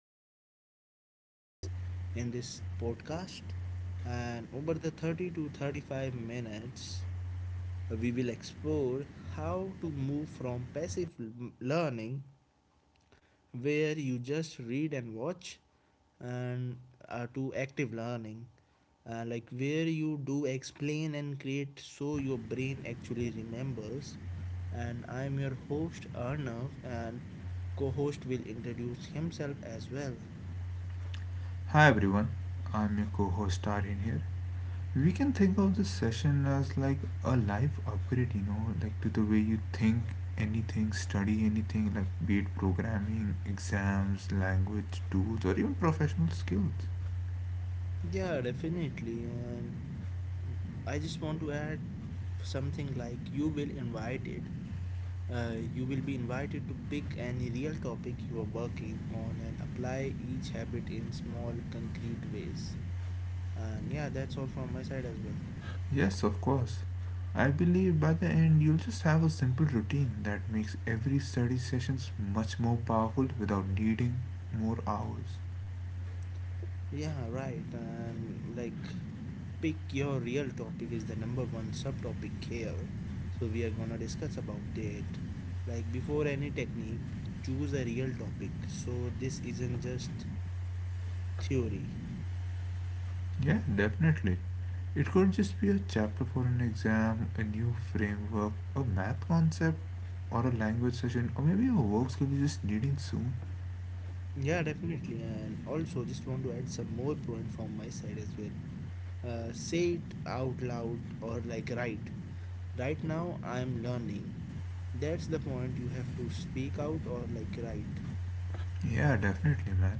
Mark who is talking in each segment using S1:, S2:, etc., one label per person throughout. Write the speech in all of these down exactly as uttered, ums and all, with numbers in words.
S1: learning habits in this podcast. And over the thirty to thirty-five minutes, we will explore how to move from passive l- learning, where you just read and watch, and uh, to active learning, uh, like where you do explain and create so your brain actually remembers. And I'm your host Arnav, and co host will introduce himself as well.
S2: Hi everyone, I'm your co-host Tarin here. We can think of this session as like a life upgrade, you know, like to the way you think anything, study anything, like be it programming, exams, language, tools, or even professional skills.
S1: Yeah, definitely. And I just want to add something like you will invited. Uh, you will be invited to pick any real topic you are working on and apply each habit in small concrete ways. And yeah, that's all from my side as well.
S2: Yes, of course. I believe by the end you'll just have a simple routine that makes every study sessions much more powerful without needing more hours.
S1: Yeah, right. And like pick your real topic is the number one subtopic here. So we are gonna discuss about it. Like before any technique, choose a real topic. So this isn't just theory.
S2: Yeah, definitely. It could just be a chapter for an exam, a new framework, a math concept, or a language session, or maybe a work skill you're just needing soon.
S1: Yeah, definitely. And also just want to add some more point from my side as well. Uh, say it out loud or like write. Right now I'm learning. That's the point, you have to speak out or like write.
S2: Yeah, definitely, man.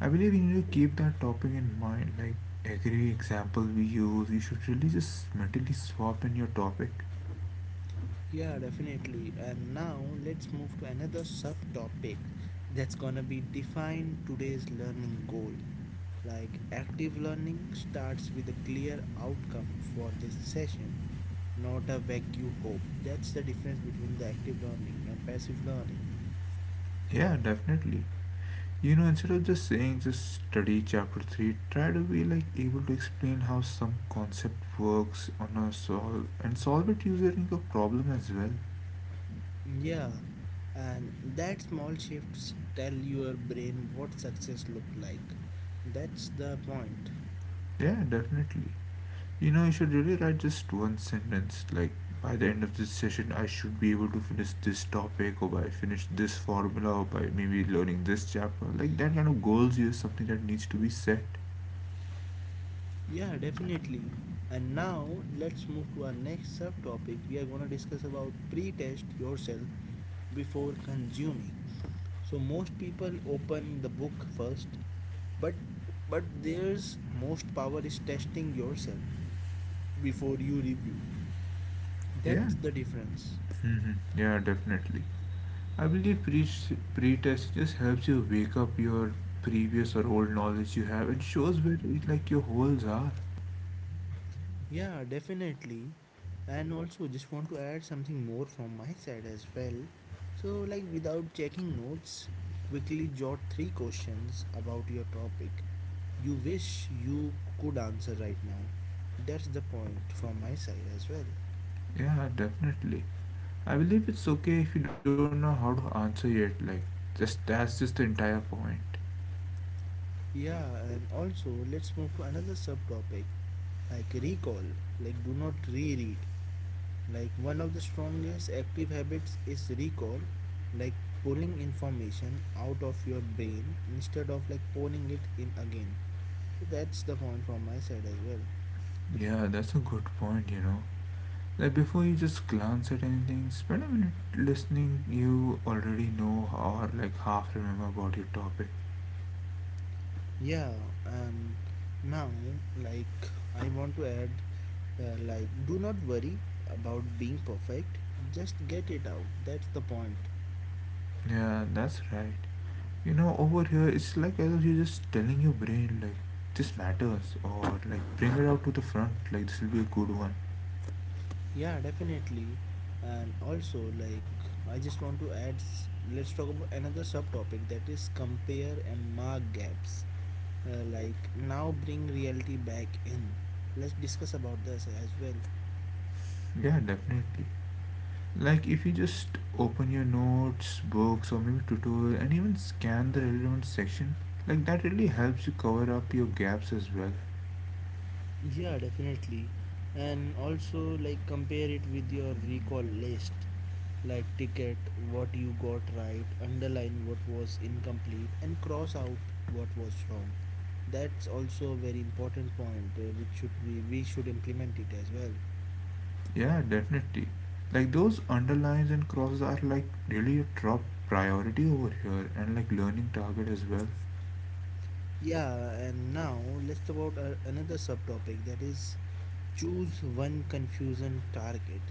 S2: I believe you need to keep that topic in mind. Like every example we use, you should really just mentally swap in your topic.
S1: Yeah, definitely. And now let's move to another subtopic, that's gonna be define today's learning goal. Like active learning starts with a clear outcome for this session, not a vague hope. That's the difference between the active learning and passive learning.
S2: Yeah, definitely. You know, instead of just saying just study chapter three, try to be like able to explain how some concept works on a solve and solve it using a problem as well.
S1: Yeah, and that small shifts tell your brain what success look like. That's the point.
S2: Yeah, definitely. You know, I should really write just one sentence. Like, by the end of this session, I should be able to finish this topic, or by finish this formula, or by maybe learning this chapter. Like, that kind of goals is something that needs to be set.
S1: Yeah, definitely. And now let's move to our next subtopic. We are going to discuss about pre-test yourself before consuming. So most people open the book first, but but there's most power is testing yourself before you review.
S2: Yeah.
S1: That's the difference.
S2: hmm Yeah, definitely. I believe pre- pre-test just helps you wake up your previous or old knowledge you have and shows where it, like your holes are.
S1: Yeah, definitely. And also, just want to add something more from my side as well. So, like, without checking notes, quickly jot three questions about your topic you wish you could answer right now. That's the point from my side as well.
S2: Yeah, definitely. I believe it's okay if you don't know how to answer yet. Like, just that's just the entire point.
S1: Yeah, and also, let's move to another subtopic like recall. Like, do not reread. Like one of the strongest active habits is recall, like pulling information out of your brain instead of like pouring it in again. So that's the point from my side as well.
S2: Yeah, that's a good point, you know. Like before you just glance at anything, spend a minute listening. You already know or like half remember about your topic.
S1: Yeah, and now like I want to add uh, like do not worry about being perfect, just get it out. That's the point.
S2: Yeah, that's right. You know, over here it's like as if you're just telling your brain like this matters or like bring it out to the front, like this will be a good one.
S1: Yeah, definitely. And also, like, I just want to add, let's talk about another subtopic that is compare and mark gaps. Uh, like now bring reality back in, let's discuss about this as well.
S2: Yeah, definitely. Like if you just open your notes, books or maybe tutorial and even scan the relevant section, like that really helps you cover up your gaps as well.
S1: Yeah, definitely. And also like compare it with your recall list, like ticket what you got right, underline what was incomplete and cross out what was wrong. That's also a very important point, uh, which should we we should implement it as well.
S2: Yeah, definitely. Like those underlines and crosses are like really a top priority over here and like learning target as well.
S1: Yeah, and now let's talk about uh, another subtopic that is choose one confusion target.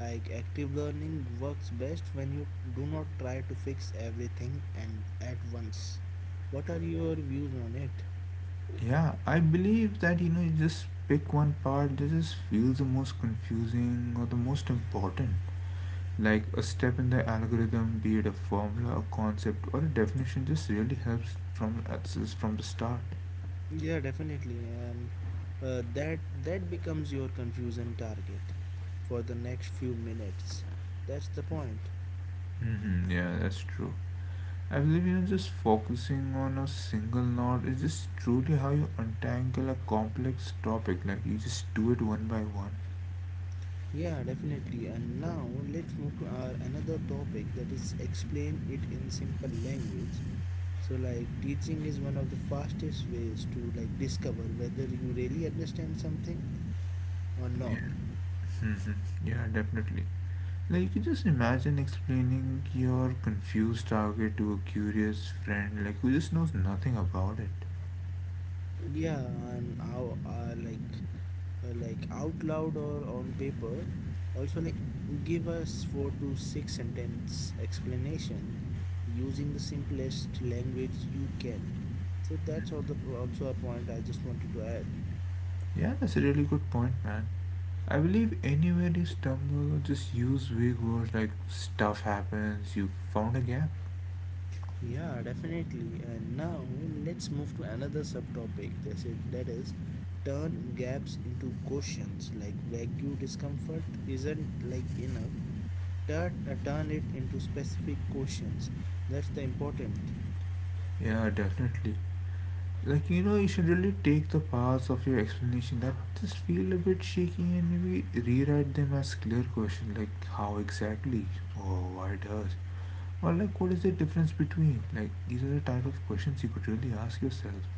S1: Like active learning works best when you do not try to fix everything and at once. What are your views on it?
S2: Yeah, I believe that you know you just pick one part that just feels the most confusing or the most important. Like a step in the algorithm, be it a formula, a concept, or a definition, just really helps from access from the start.
S1: Yeah, definitely, and uh, that that becomes your confusion target for the next few minutes. That's the point.
S2: Hmm yeah, that's true. I believe you know just focusing on a single knot is just truly how you untangle a complex topic. Like you just do it one by one.
S1: Yeah, definitely. And now let's move to our another topic that is explain it in simple language. So like teaching is one of the fastest ways to like discover whether you really understand something or
S2: Yeah,
S1: not.
S2: yeah, definitely. Like you can just imagine explaining your confused target to a curious friend, like who just knows nothing about it.
S1: Yeah, and how uh, like uh, like out loud or on paper, also like give us four to six sentence explanation using the simplest language you can. So that's all the also a point I just wanted to add.
S2: Yeah, that's a really good point, man. I believe anywhere you stumble, just use vague words like stuff happens. You found a gap.
S1: Yeah, definitely. And now let's move to another subtopic. That's it. That is, turn gaps into questions. Like vague discomfort isn't like enough. Turn, uh, turn it into specific questions. That's the important.
S2: Yeah, definitely. Like you know, you should really take the parts of your explanation that just feel a bit shaky and maybe rewrite them as clear questions like how exactly or why does or like what is the difference between like these are the type of questions you could really ask yourself.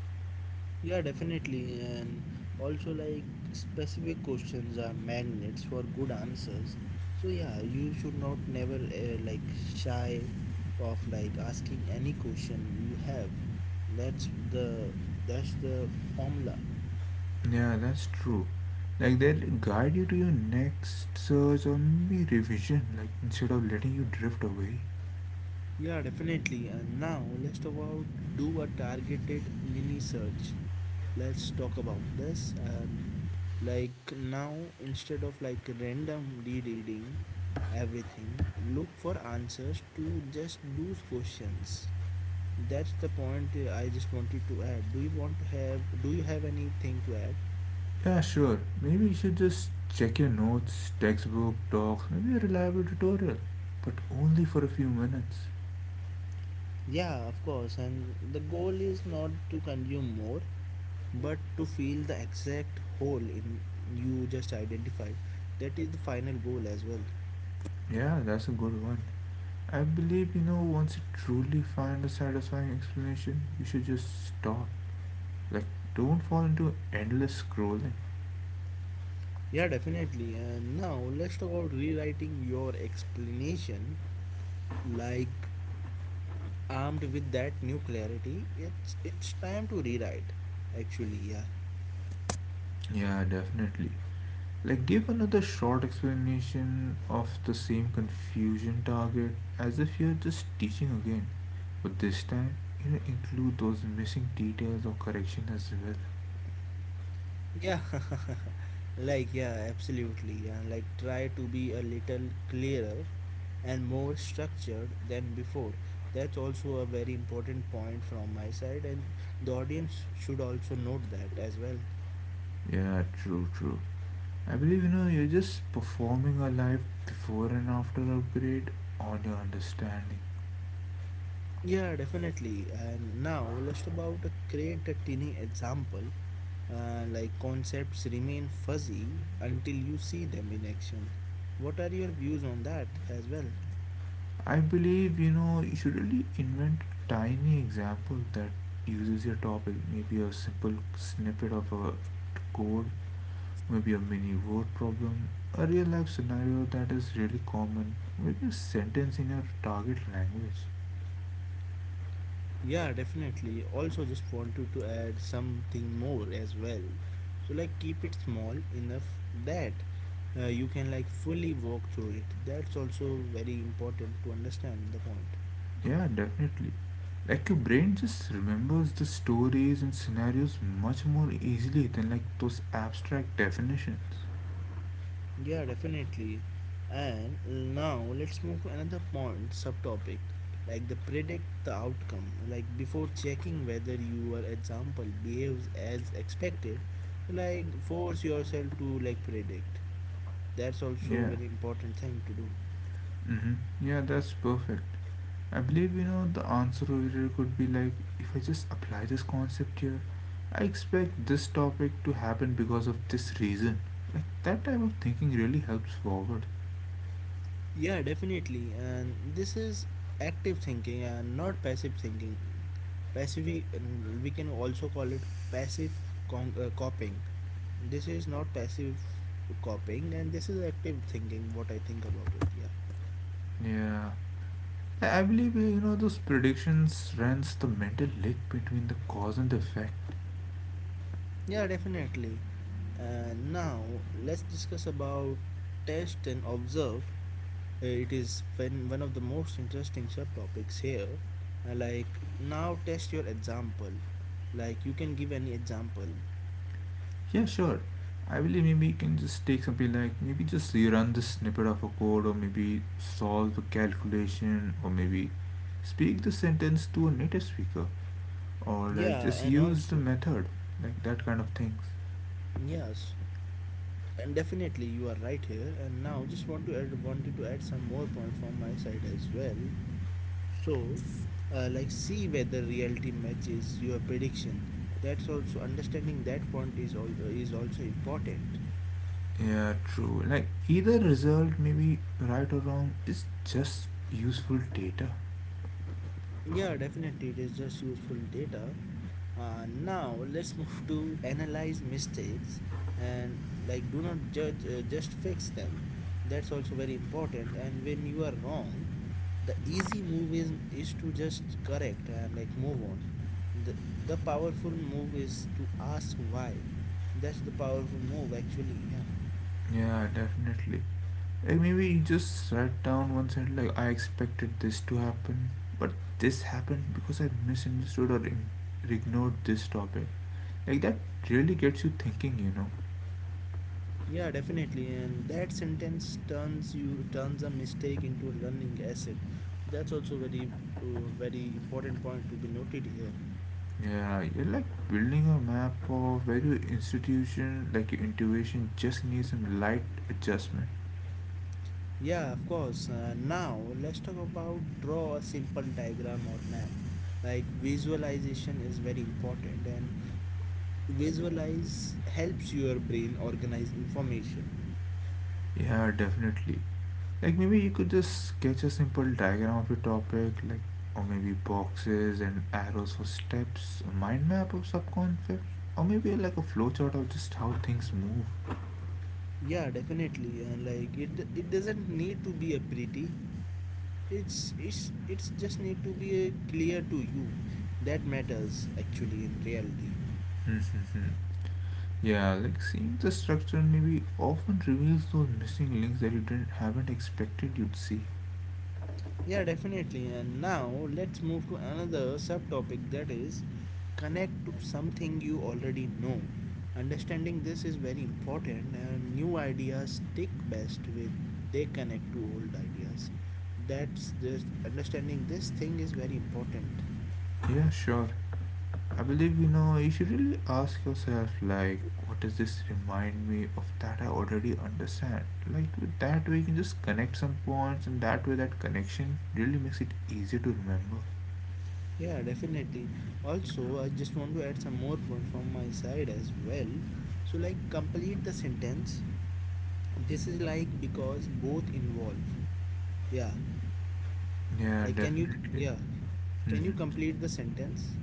S1: Yeah, definitely. And also, like, specific questions are magnets for good answers. So, yeah, you should not never uh, like shy of like asking any question you have. That's the that's the formula.
S2: Yeah, that's true. Like they'll guide you to your next search or maybe revision like instead of letting you drift away.
S1: Yeah, definitely. And now let's talk about do a targeted mini search. Let's talk about this, and like now instead of like random rereading everything, look for answers to just those questions. That's the point, uh, I just wanted to add. Do you want to have do you have anything to add?
S2: Yeah, sure. Maybe you should just check your notes, textbook, talks. Maybe a reliable tutorial, but only for a few minutes.
S1: Yeah, of course. And the goal is not to consume more, but to fill the exact hole in you just identified. That is the final goal as well.
S2: Yeah, that's a good one. I believe you know once you truly find a satisfying explanation, you should just stop. Like, don't fall into endless scrolling.
S1: Yeah, definitely. And now let's talk about rewriting your explanation. Like armed with that new clarity, it's it's time to rewrite. Actually, yeah,
S2: Yeah, definitely. Like, give another short explanation of the same confusion target as if you're just teaching again, but this time you know, include those missing details or correction as well.
S1: yeah, like yeah, absolutely. And like try to be a little clearer and more structured than before. That's also a very important point from my side, and the audience should also note that as well.
S2: Yeah, true, true. I believe you know you're just performing a live before and after upgrade on your understanding.
S1: Yeah, definitely. And now let's about a create a tiny example. Uh, like concepts remain fuzzy until you see them in action. What are your views on that as well?
S2: I believe you know you should really invent a tiny example that uses your topic, maybe a simple snippet of a code, maybe a mini word problem, a real life scenario that is really common, maybe a sentence in your target language.
S1: Yeah, definitely. Also, just wanted to add something more as well. So, like, keep it small enough that uh, you can like fully walk through it. That's also very important to understand the point.
S2: Yeah, definitely. Like your brain just remembers the stories and scenarios much more easily than like those abstract definitions.
S1: Yeah, definitely. And now let's move to another point, subtopic, like the predict the outcome. Like before checking whether your example behaves as expected, so like force yourself to like predict. That's also a
S2: Yeah.
S1: very important thing to do.
S2: Mm-hmm. Yeah, that's perfect. I believe you know the answer over here could be like if I just apply this concept here, I expect this topic to happen because of this reason. Like that type of thinking really helps forward.
S1: Yeah, definitely. And this is active thinking and not passive thinking. Passive, and we can also call it passive con- uh, copying. This is not passive copying, and this is active thinking, what I think about it. Yeah.
S2: Yeah, I I believe uh, you know those predictions runs the mental link between the cause and the effect.
S1: Yeah, definitely. And now let's discuss about test and observe. Uh, It is when one of the most interesting subtopics here. Uh, Like now, test your example. Like you can give any example.
S2: Yeah, sure. I believe maybe you can just take something like maybe just rerun the snippet of a code, or maybe solve a calculation, or maybe speak the sentence to a native speaker, or like
S1: Yeah,
S2: just
S1: and
S2: use the
S1: also,
S2: method, like that kind of things.
S1: yes, and definitely you are right here. And now, just want to add, wanted to add some more point from my side as well. So, uh, like, see whether reality matches your prediction. That's also understanding that point is all uh, is also important.
S2: Yeah, true. Like either result, maybe right or wrong, is just useful data.
S1: Yeah, definitely, it is just useful data. Uh, now let's move to analyze mistakes and like do not judge, uh, just fix them. That's also very important. And when you are wrong, the easy move is is to just correct and like move on. The the powerful move is to ask why. That's the powerful move actually. Yeah.
S2: Yeah, definitely. Like maybe you just write down one side like I expected this to happen, but this happened because I misunderstood or ig- ignored this topic. Like that really gets you thinking, you know.
S1: Yeah, definitely. And that sentence turns you turns a mistake into a learning asset. That's also very uh, very important point to be noted here.
S2: Yeah, you're like building a map of where your institution, like your intuition, just needs some light adjustment.
S1: Yeah, of course. Uh, now let's talk about draw a simple diagram or map. Like visualization is very important, and visualize helps your brain organize information.
S2: Yeah, definitely. Like maybe you could just sketch a simple diagram of your topic, like or maybe boxes and arrows for steps, a mind map of subconcepts, or maybe like a flowchart of just how things move.
S1: Yeah, definitely. And like it it doesn't need to be a pretty. It's it's it's just need to be a clear to you. That matters actually in reality.
S2: Yeah, like seeing the structure maybe often reveals those missing links that you didn't haven't expected you'd see.
S1: Yeah, definitely. And now let's move to another subtopic that is connect to something you already know. Understanding this is very important, and new ideas stick best with they connect to old ideas. That's just understanding this thing is very important.
S2: Yeah, sure. I believe you know you should really ask yourself like what does this remind me of that I already understand, like with that way you can just connect some points and that way that connection really makes it easier to remember.
S1: Yeah, definitely. Also, I just want to add some more point from my side as well. So, like, complete the sentence. This is like because both involve. Yeah,
S2: Yeah,
S1: like, can you,
S2: definitely.
S1: yeah, can you
S2: hmm
S1: complete the sentence?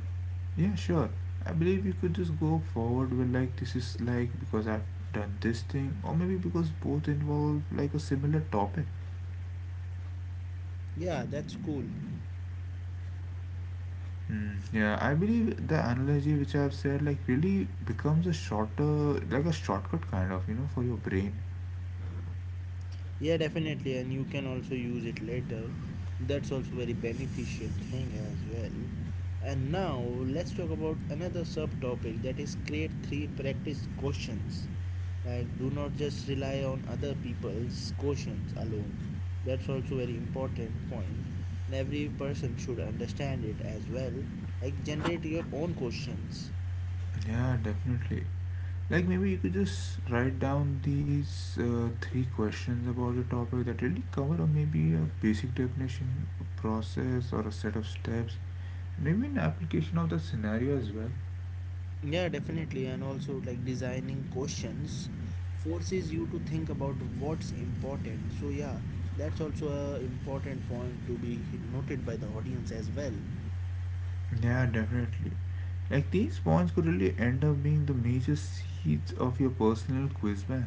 S2: yeah, sure. I believe you could just go forward with like this is like because I've done this thing or maybe because both involve like a similar topic.
S1: Yeah, that's cool.
S2: Mm, yeah, I believe the analogy which I've said like really becomes a shorter, like a shortcut kind of, you know, for your brain.
S1: Yeah, definitely, and you can also use it later. That's also very beneficial thing as well. And now let's talk about another subtopic that is create three practice questions. Like, do not just rely on other people's questions alone. That's also very important point, and every person should understand it as well. Like, generate your own questions.
S2: Yeah, definitely. Like maybe you could just write down these uh, three questions about the topic that really cover, or maybe a basic definition, a process, or a set of steps. Maybe an application of the scenario as well.
S1: Yeah, definitely. And also, like designing questions forces you to think about what's important. So, yeah, that's also a important point to be noted by the audience as well.
S2: Yeah, definitely. Like these points could really end up being the major seeds of your personal quiz bank.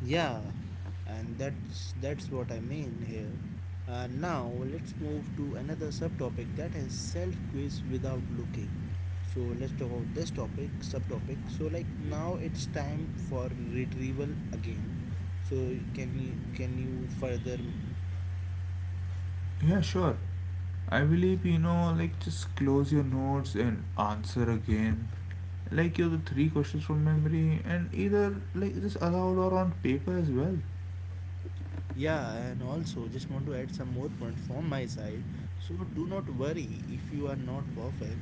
S1: Yeah, and that's that's what I mean here. Uh, now let's move to another subtopic that is self quiz without looking. So let's talk about this topic subtopic. So like now it's time for retrieval again. So can you can you further.
S2: Yeah, sure. I believe you know, like just close your notes and answer again. Like you have the three questions from memory and either like just aloud or on paper as well.
S1: Yeah, and also just want to add some more point from my side. So do not worry if you are not perfect.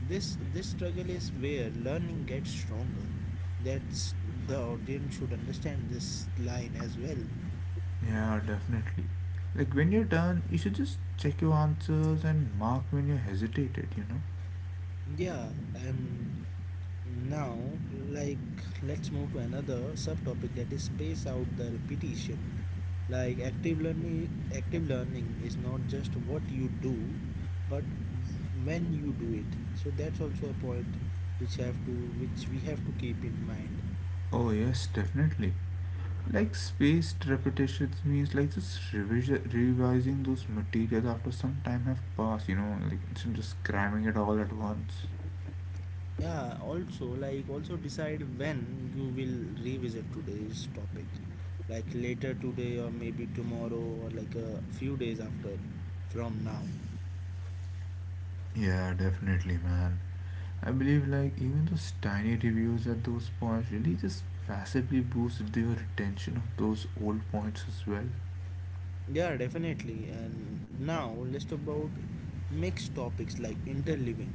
S1: This this struggle is where learning gets stronger. That's the audience should understand this line as well.
S2: Yeah, definitely. Like when you're done, you should just check your answers and mark when you hesitated, you know?
S1: Yeah, and now, like, let's move to another subtopic that is space out the repetition. Like, active learning, active learning is not just what you do, but w- when you do it. So that's also a point which have to, which we have to keep in mind.
S2: Oh yes, definitely. Like spaced repetitions means like just revision, revising those materials after some time have passed, you know, like instead of just cramming it all at once.
S1: Yeah, also, like, also decide when you will revisit today's topic, like later today or maybe tomorrow or like a few days after from now.
S2: Yeah, definitely, man. I believe like even those tiny reviews at those points really just massively boosted the retention of those old points as well.
S1: Yeah, definitely. And now let's talk about mixed topics like interleaving.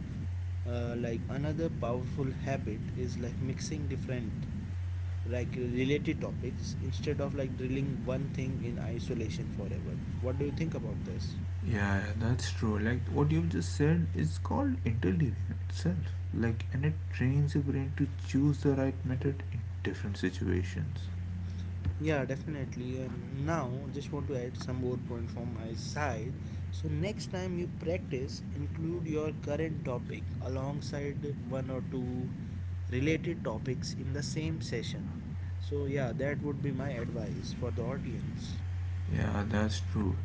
S1: Uh, like another powerful habit is like mixing different like related topics instead of like drilling one thing in isolation forever. What do you think about this?
S2: Yeah, yeah, that's true. Like what you've just said is called interleaving itself. Like and it trains your brain to choose the right method in different situations.
S1: Yeah, definitely. And now, just want to add some more point from my side. So next time you practice, include your current topic alongside one or two related topics in the same session. So yeah, that would be my advice for the audience.
S2: Yeah, that's true.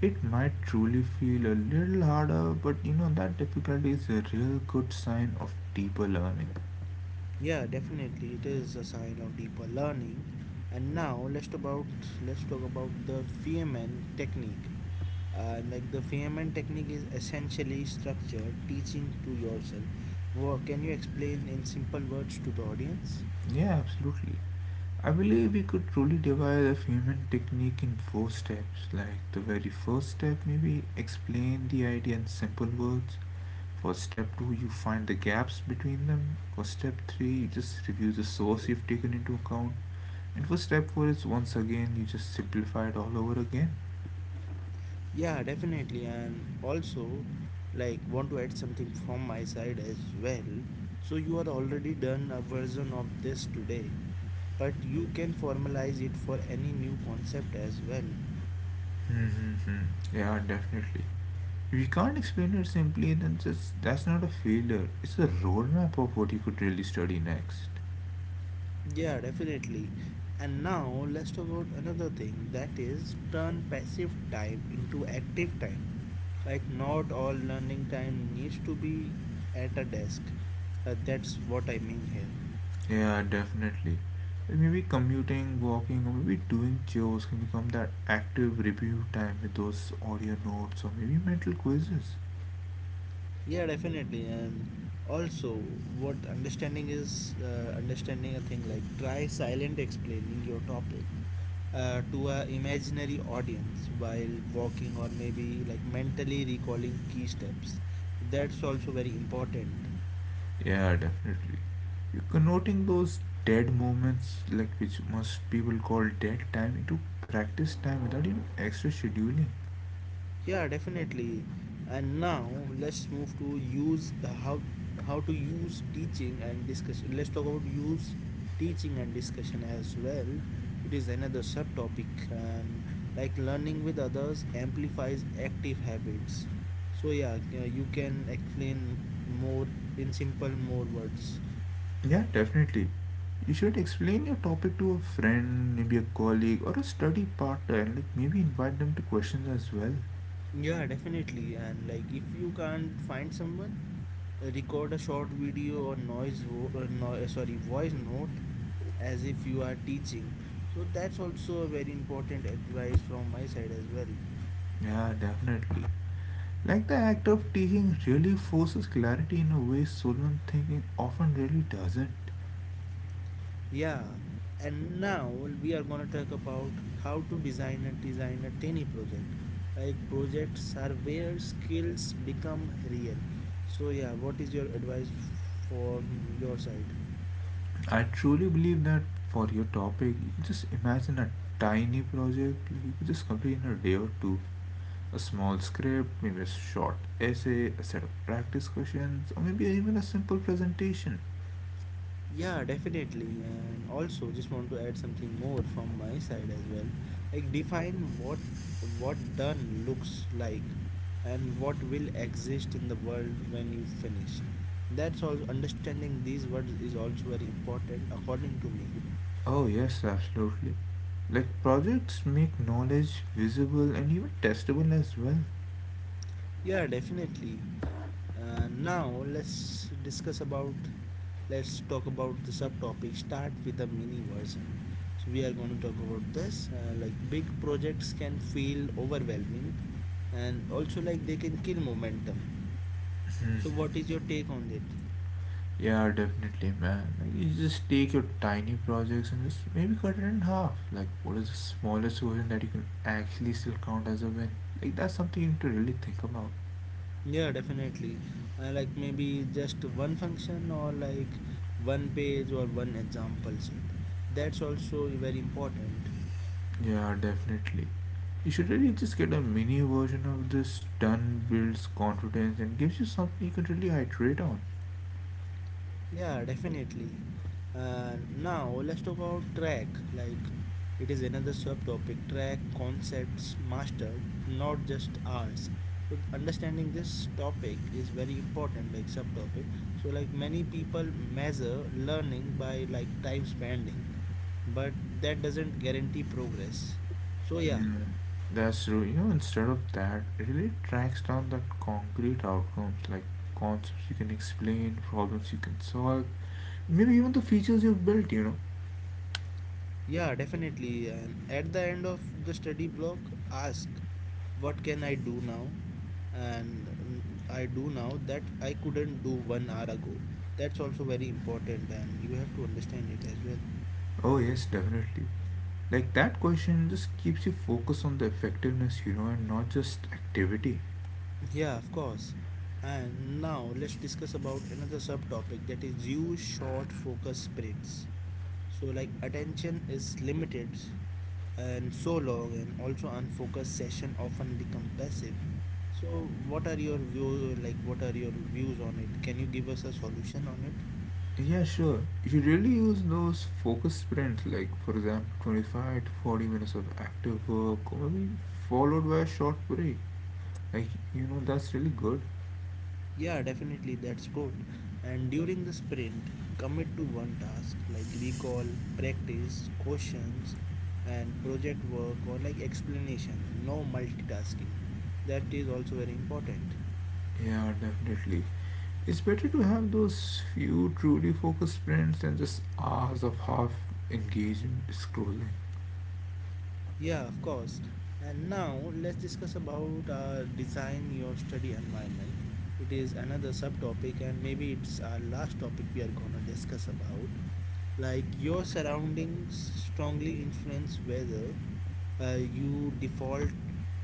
S2: It might truly feel a little harder, but you know that difficulty is a real good sign of deeper learning.
S1: Yeah, definitely, it is a sign of deeper learning. And now let's about let's talk about the Feynman technique. Uh, like the Feynman technique is essentially structure teaching to yourself. Wha Can you explain in simple words to the audience?
S2: Yeah, absolutely. I believe we could truly devise a Feynman technique in four steps. Like the very first step, maybe explain the idea in simple words. For step two, you find the gaps between them. For step three, you just review the source you've taken into account. And for step four, it's once again you just simplify it all over again.
S1: Yeah, definitely. And also, like, want to add something from my side as well. So, you are already done a version of this today, but you can formalize it for any new concept as well.
S2: Mm-hmm. Yeah, definitely. If you can't explain it simply, then just that's not a failure. It's a roadmap of what you could really study next.
S1: Yeah, definitely. And now let's talk about another thing that is turn passive time into active time. Like, not all learning time needs to be at a desk. Uh, that's what I mean here.
S2: Yeah, definitely. And maybe commuting, walking, or maybe doing chores can become that active review time with those audio notes or maybe mental quizzes.
S1: Yeah, definitely. And also, what understanding is uh, understanding a thing like try silent explaining your topic uh, to a imaginary audience while walking or maybe like mentally recalling key steps. That's also very important.
S2: Yeah, definitely. You're converting those dead moments, like which most people call dead time, into practice time without even extra scheduling.
S1: Yeah, definitely. And now let's move to use how how to use teaching and discussion. Let's talk about use teaching and discussion as well. It is another subtopic, and like learning with others amplifies active habits. So yeah, uh, you can explain more in simple more words.
S2: Yeah, definitely. You should explain your topic to a friend, maybe a colleague or a study partner, and like maybe invite them to questions as well.
S1: Yeah, definitely. And like if you can't find someone, record a short video or noise, vo- uh, no, uh, sorry, voice note as if you are teaching. So that's also a very important advice from my side as well.
S2: Yeah, definitely. Like the act of teaching really forces clarity in a way solemn thinking often really doesn't.
S1: Yeah, and now we are gonna talk about how to design and design a tiny project. Like projects are where skills become real. So yeah, what is your advice from your side?
S2: I truly believe that for your topic, you just imagine a tiny project like you could just complete in a day or two. A small script, maybe a short essay, a set of practice questions, or maybe even a simple presentation.
S1: Yeah, definitely. And also just want to add something more from my side as well. Like define what what done looks like and what will exist in the world when you finish. That's all understanding these words is also very important according to me.
S2: Oh, yes, absolutely. Like projects make knowledge visible and even testable as well.
S1: Yeah, definitely. Uh, now let's discuss about let's talk about the subtopic start with the mini version, so we are going to talk about this. Uh, like big projects can feel overwhelming, and also like they can kill momentum. So what is your take on it?
S2: Yeah, definitely, man. Like, you just take your tiny projects and just maybe cut it in half. Like, what is the smallest version that you can actually still count as a win? Like, that's something you need to really think about.
S1: Yeah, definitely. Uh, like maybe just one function or like one page or one example set. That's also very important.
S2: Yeah, definitely. You should really just get a mini version of this done, builds confidence, and gives you something you can really iterate on.
S1: Yeah, definitely. Uh, now let's talk about track. Like it is another subtopic. Track concepts mastered, not just ours. So th- understanding this topic is very important. Like subtopic. So like many people measure learning by like time spending, but that doesn't guarantee progress. So yeah.
S2: Yeah. That's true. You know, instead of that, it really tracks down that concrete outcomes like concepts you can explain, problems you can solve, maybe even the features you've built, you know.
S1: Yeah, definitely. And at the end of the study block, ask, what can I do now? And mm, I do now that I couldn't do one hour ago. That's also very important, and you have to understand it as well.
S2: Oh, yes, definitely. Like that question just keeps you focused on the effectiveness, you know, and not just activity.
S1: Yeah, of course. And now let's discuss about another subtopic that is use short focus sprints. So like attention is limited, and so long and also unfocused session often become passive. So what are your view like what are your views on it? Can you give us a solution on it?
S2: Yeah, sure. You should really use those focus sprints, like for example, twenty-five to forty minutes of active work, or maybe followed by a short break. Like, you know, that's really good.
S1: Yeah, definitely, that's good. And during the sprint, commit to one task like recall, practice questions, and project work or like explanation. No multitasking. That is also very important.
S2: Yeah, definitely. It's better to have those few truly focused sprints than just hours of half engaged scrolling.
S1: Yeah, of course. And now let's discuss about uh, design your study environment. It is another subtopic, and maybe it's our last topic we are gonna discuss about. Like your surroundings strongly influence whether uh, you default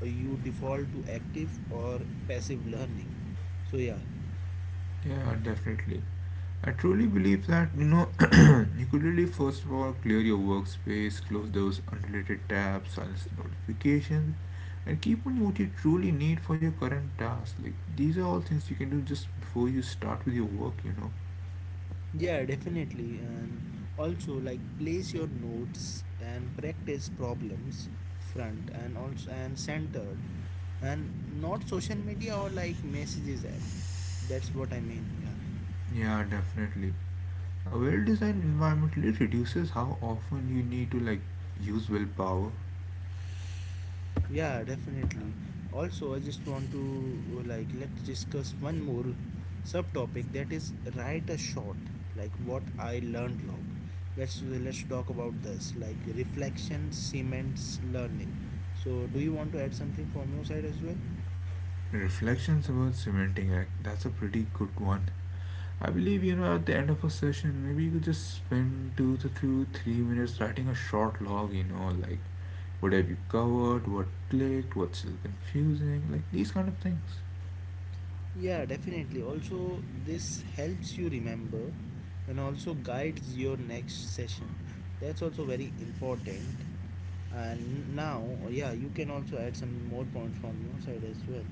S1: you default to active or passive learning. So yeah.
S2: Yeah, definitely. I truly believe that you know You could really first of all clear your workspace, close those unrelated tabs, silence the notifications, and keep on what you truly need for your current task. Like these are all things you can do just before you start with your work, you know.
S1: Yeah, definitely. And also, like, place your notes and practice problems front and also and centered, and not social media or like messages app. That's what I mean. Yeah.
S2: Yeah, definitely. A well-designed environment really reduces how often you need to like use willpower.
S1: Yeah, definitely. Also, I just want to uh, like let's discuss one more subtopic that is write a short, like, what I learned log. Let's uh, let's talk about this, like reflection cements learning. So, do you want to add something from your side as well?
S2: Reflections about cementing, like That's a pretty good one. I believe, you know, at the end of a session, maybe you could just spend two to two, three minutes writing a short log. You know, like what have you covered, what clicked, what's still confusing, like these kind of things.
S1: Yeah, definitely. Also, this helps you remember and also guides your next session. That's also very important. And now yeah, you can also add some more points from your side as well.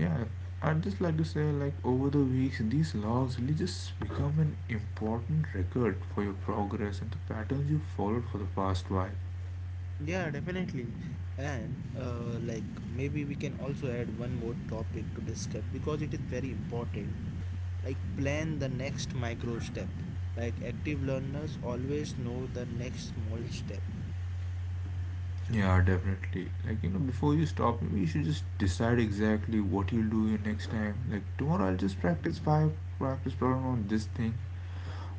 S2: Yeah, I'd just like to say, like, over the weeks, these logs really just become an important record for your progress and the patterns you followed for the past while.
S1: Yeah, definitely. And uh, like maybe we can also add one more topic to discuss because it is very important. Like plan the next micro step, like active learners always know the next small step.
S2: Yeah, definitely. Like, you know, before you stop, maybe you should just decide exactly what you'll do next time. Like, tomorrow I'll just practice five practice problem on this thing.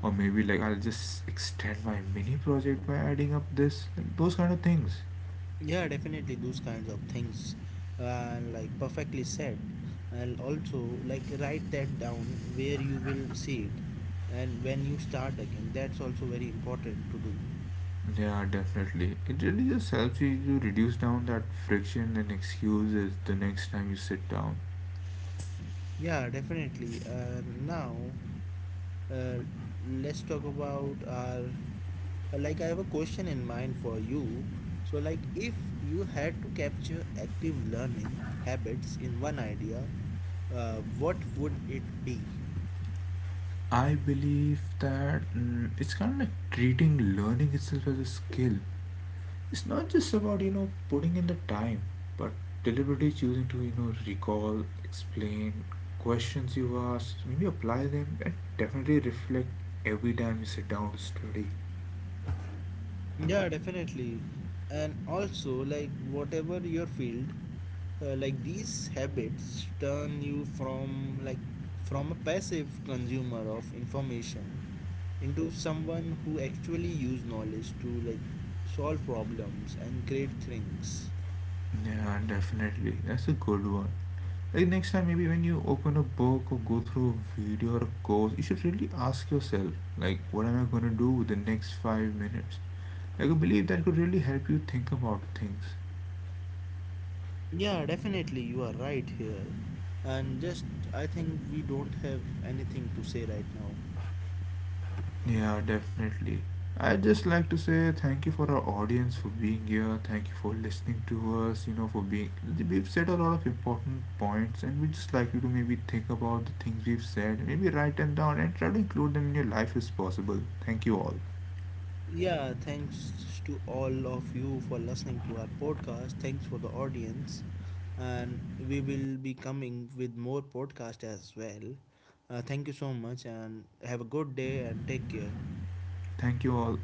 S2: Or maybe, like, I'll just extend my mini project by adding up this. Like, those kind of things.
S1: Yeah, definitely those kinds of things, and like perfectly said. And also, like, write that down where you will see it, and when you start again. That's also very important to do.
S2: Yeah, definitely. It really just helps you to reduce down that friction and excuses the next time you sit down.
S1: Yeah, definitely. And now, uh, let's talk about our. Like, I have a question in mind for you. So, like, if you had to capture active learning habits in one idea, uh, what would it be?
S2: I believe that mm, it's kind of like treating learning itself as a skill. It's not just about, you know, putting in the time, but deliberately choosing to, you know, recall, explain questions you asked, maybe apply them, and definitely reflect every time you sit down to study.
S1: Yeah, definitely. And also, like, whatever your field, uh, like these habits turn you from like from a passive consumer of information into someone who actually use knowledge to like solve problems and create things.
S2: Yeah, definitely. That's a good one. Like next time, maybe when you open a book or go through a video or a course, you should really ask yourself, like, what am I going to do with the next five minutes? Like, I believe that could really help you think about things.
S1: Yeah, definitely, you are right here. And just, I think we don't have anything to say right now.
S2: Yeah, definitely. I'd just like to say thank you for our audience for being here. Thank you for listening to us. You know, for being. We've said a lot of important points, and we just like you to maybe think about the things we've said, maybe write them down, and try to include them in your life as possible. Thank you all.
S1: Yeah, thanks to all of you for listening to our podcast. Thanks for the audience. And we will be coming with more podcast as well. Uh, thank you so much and have a good day and take care.
S2: Thank you all.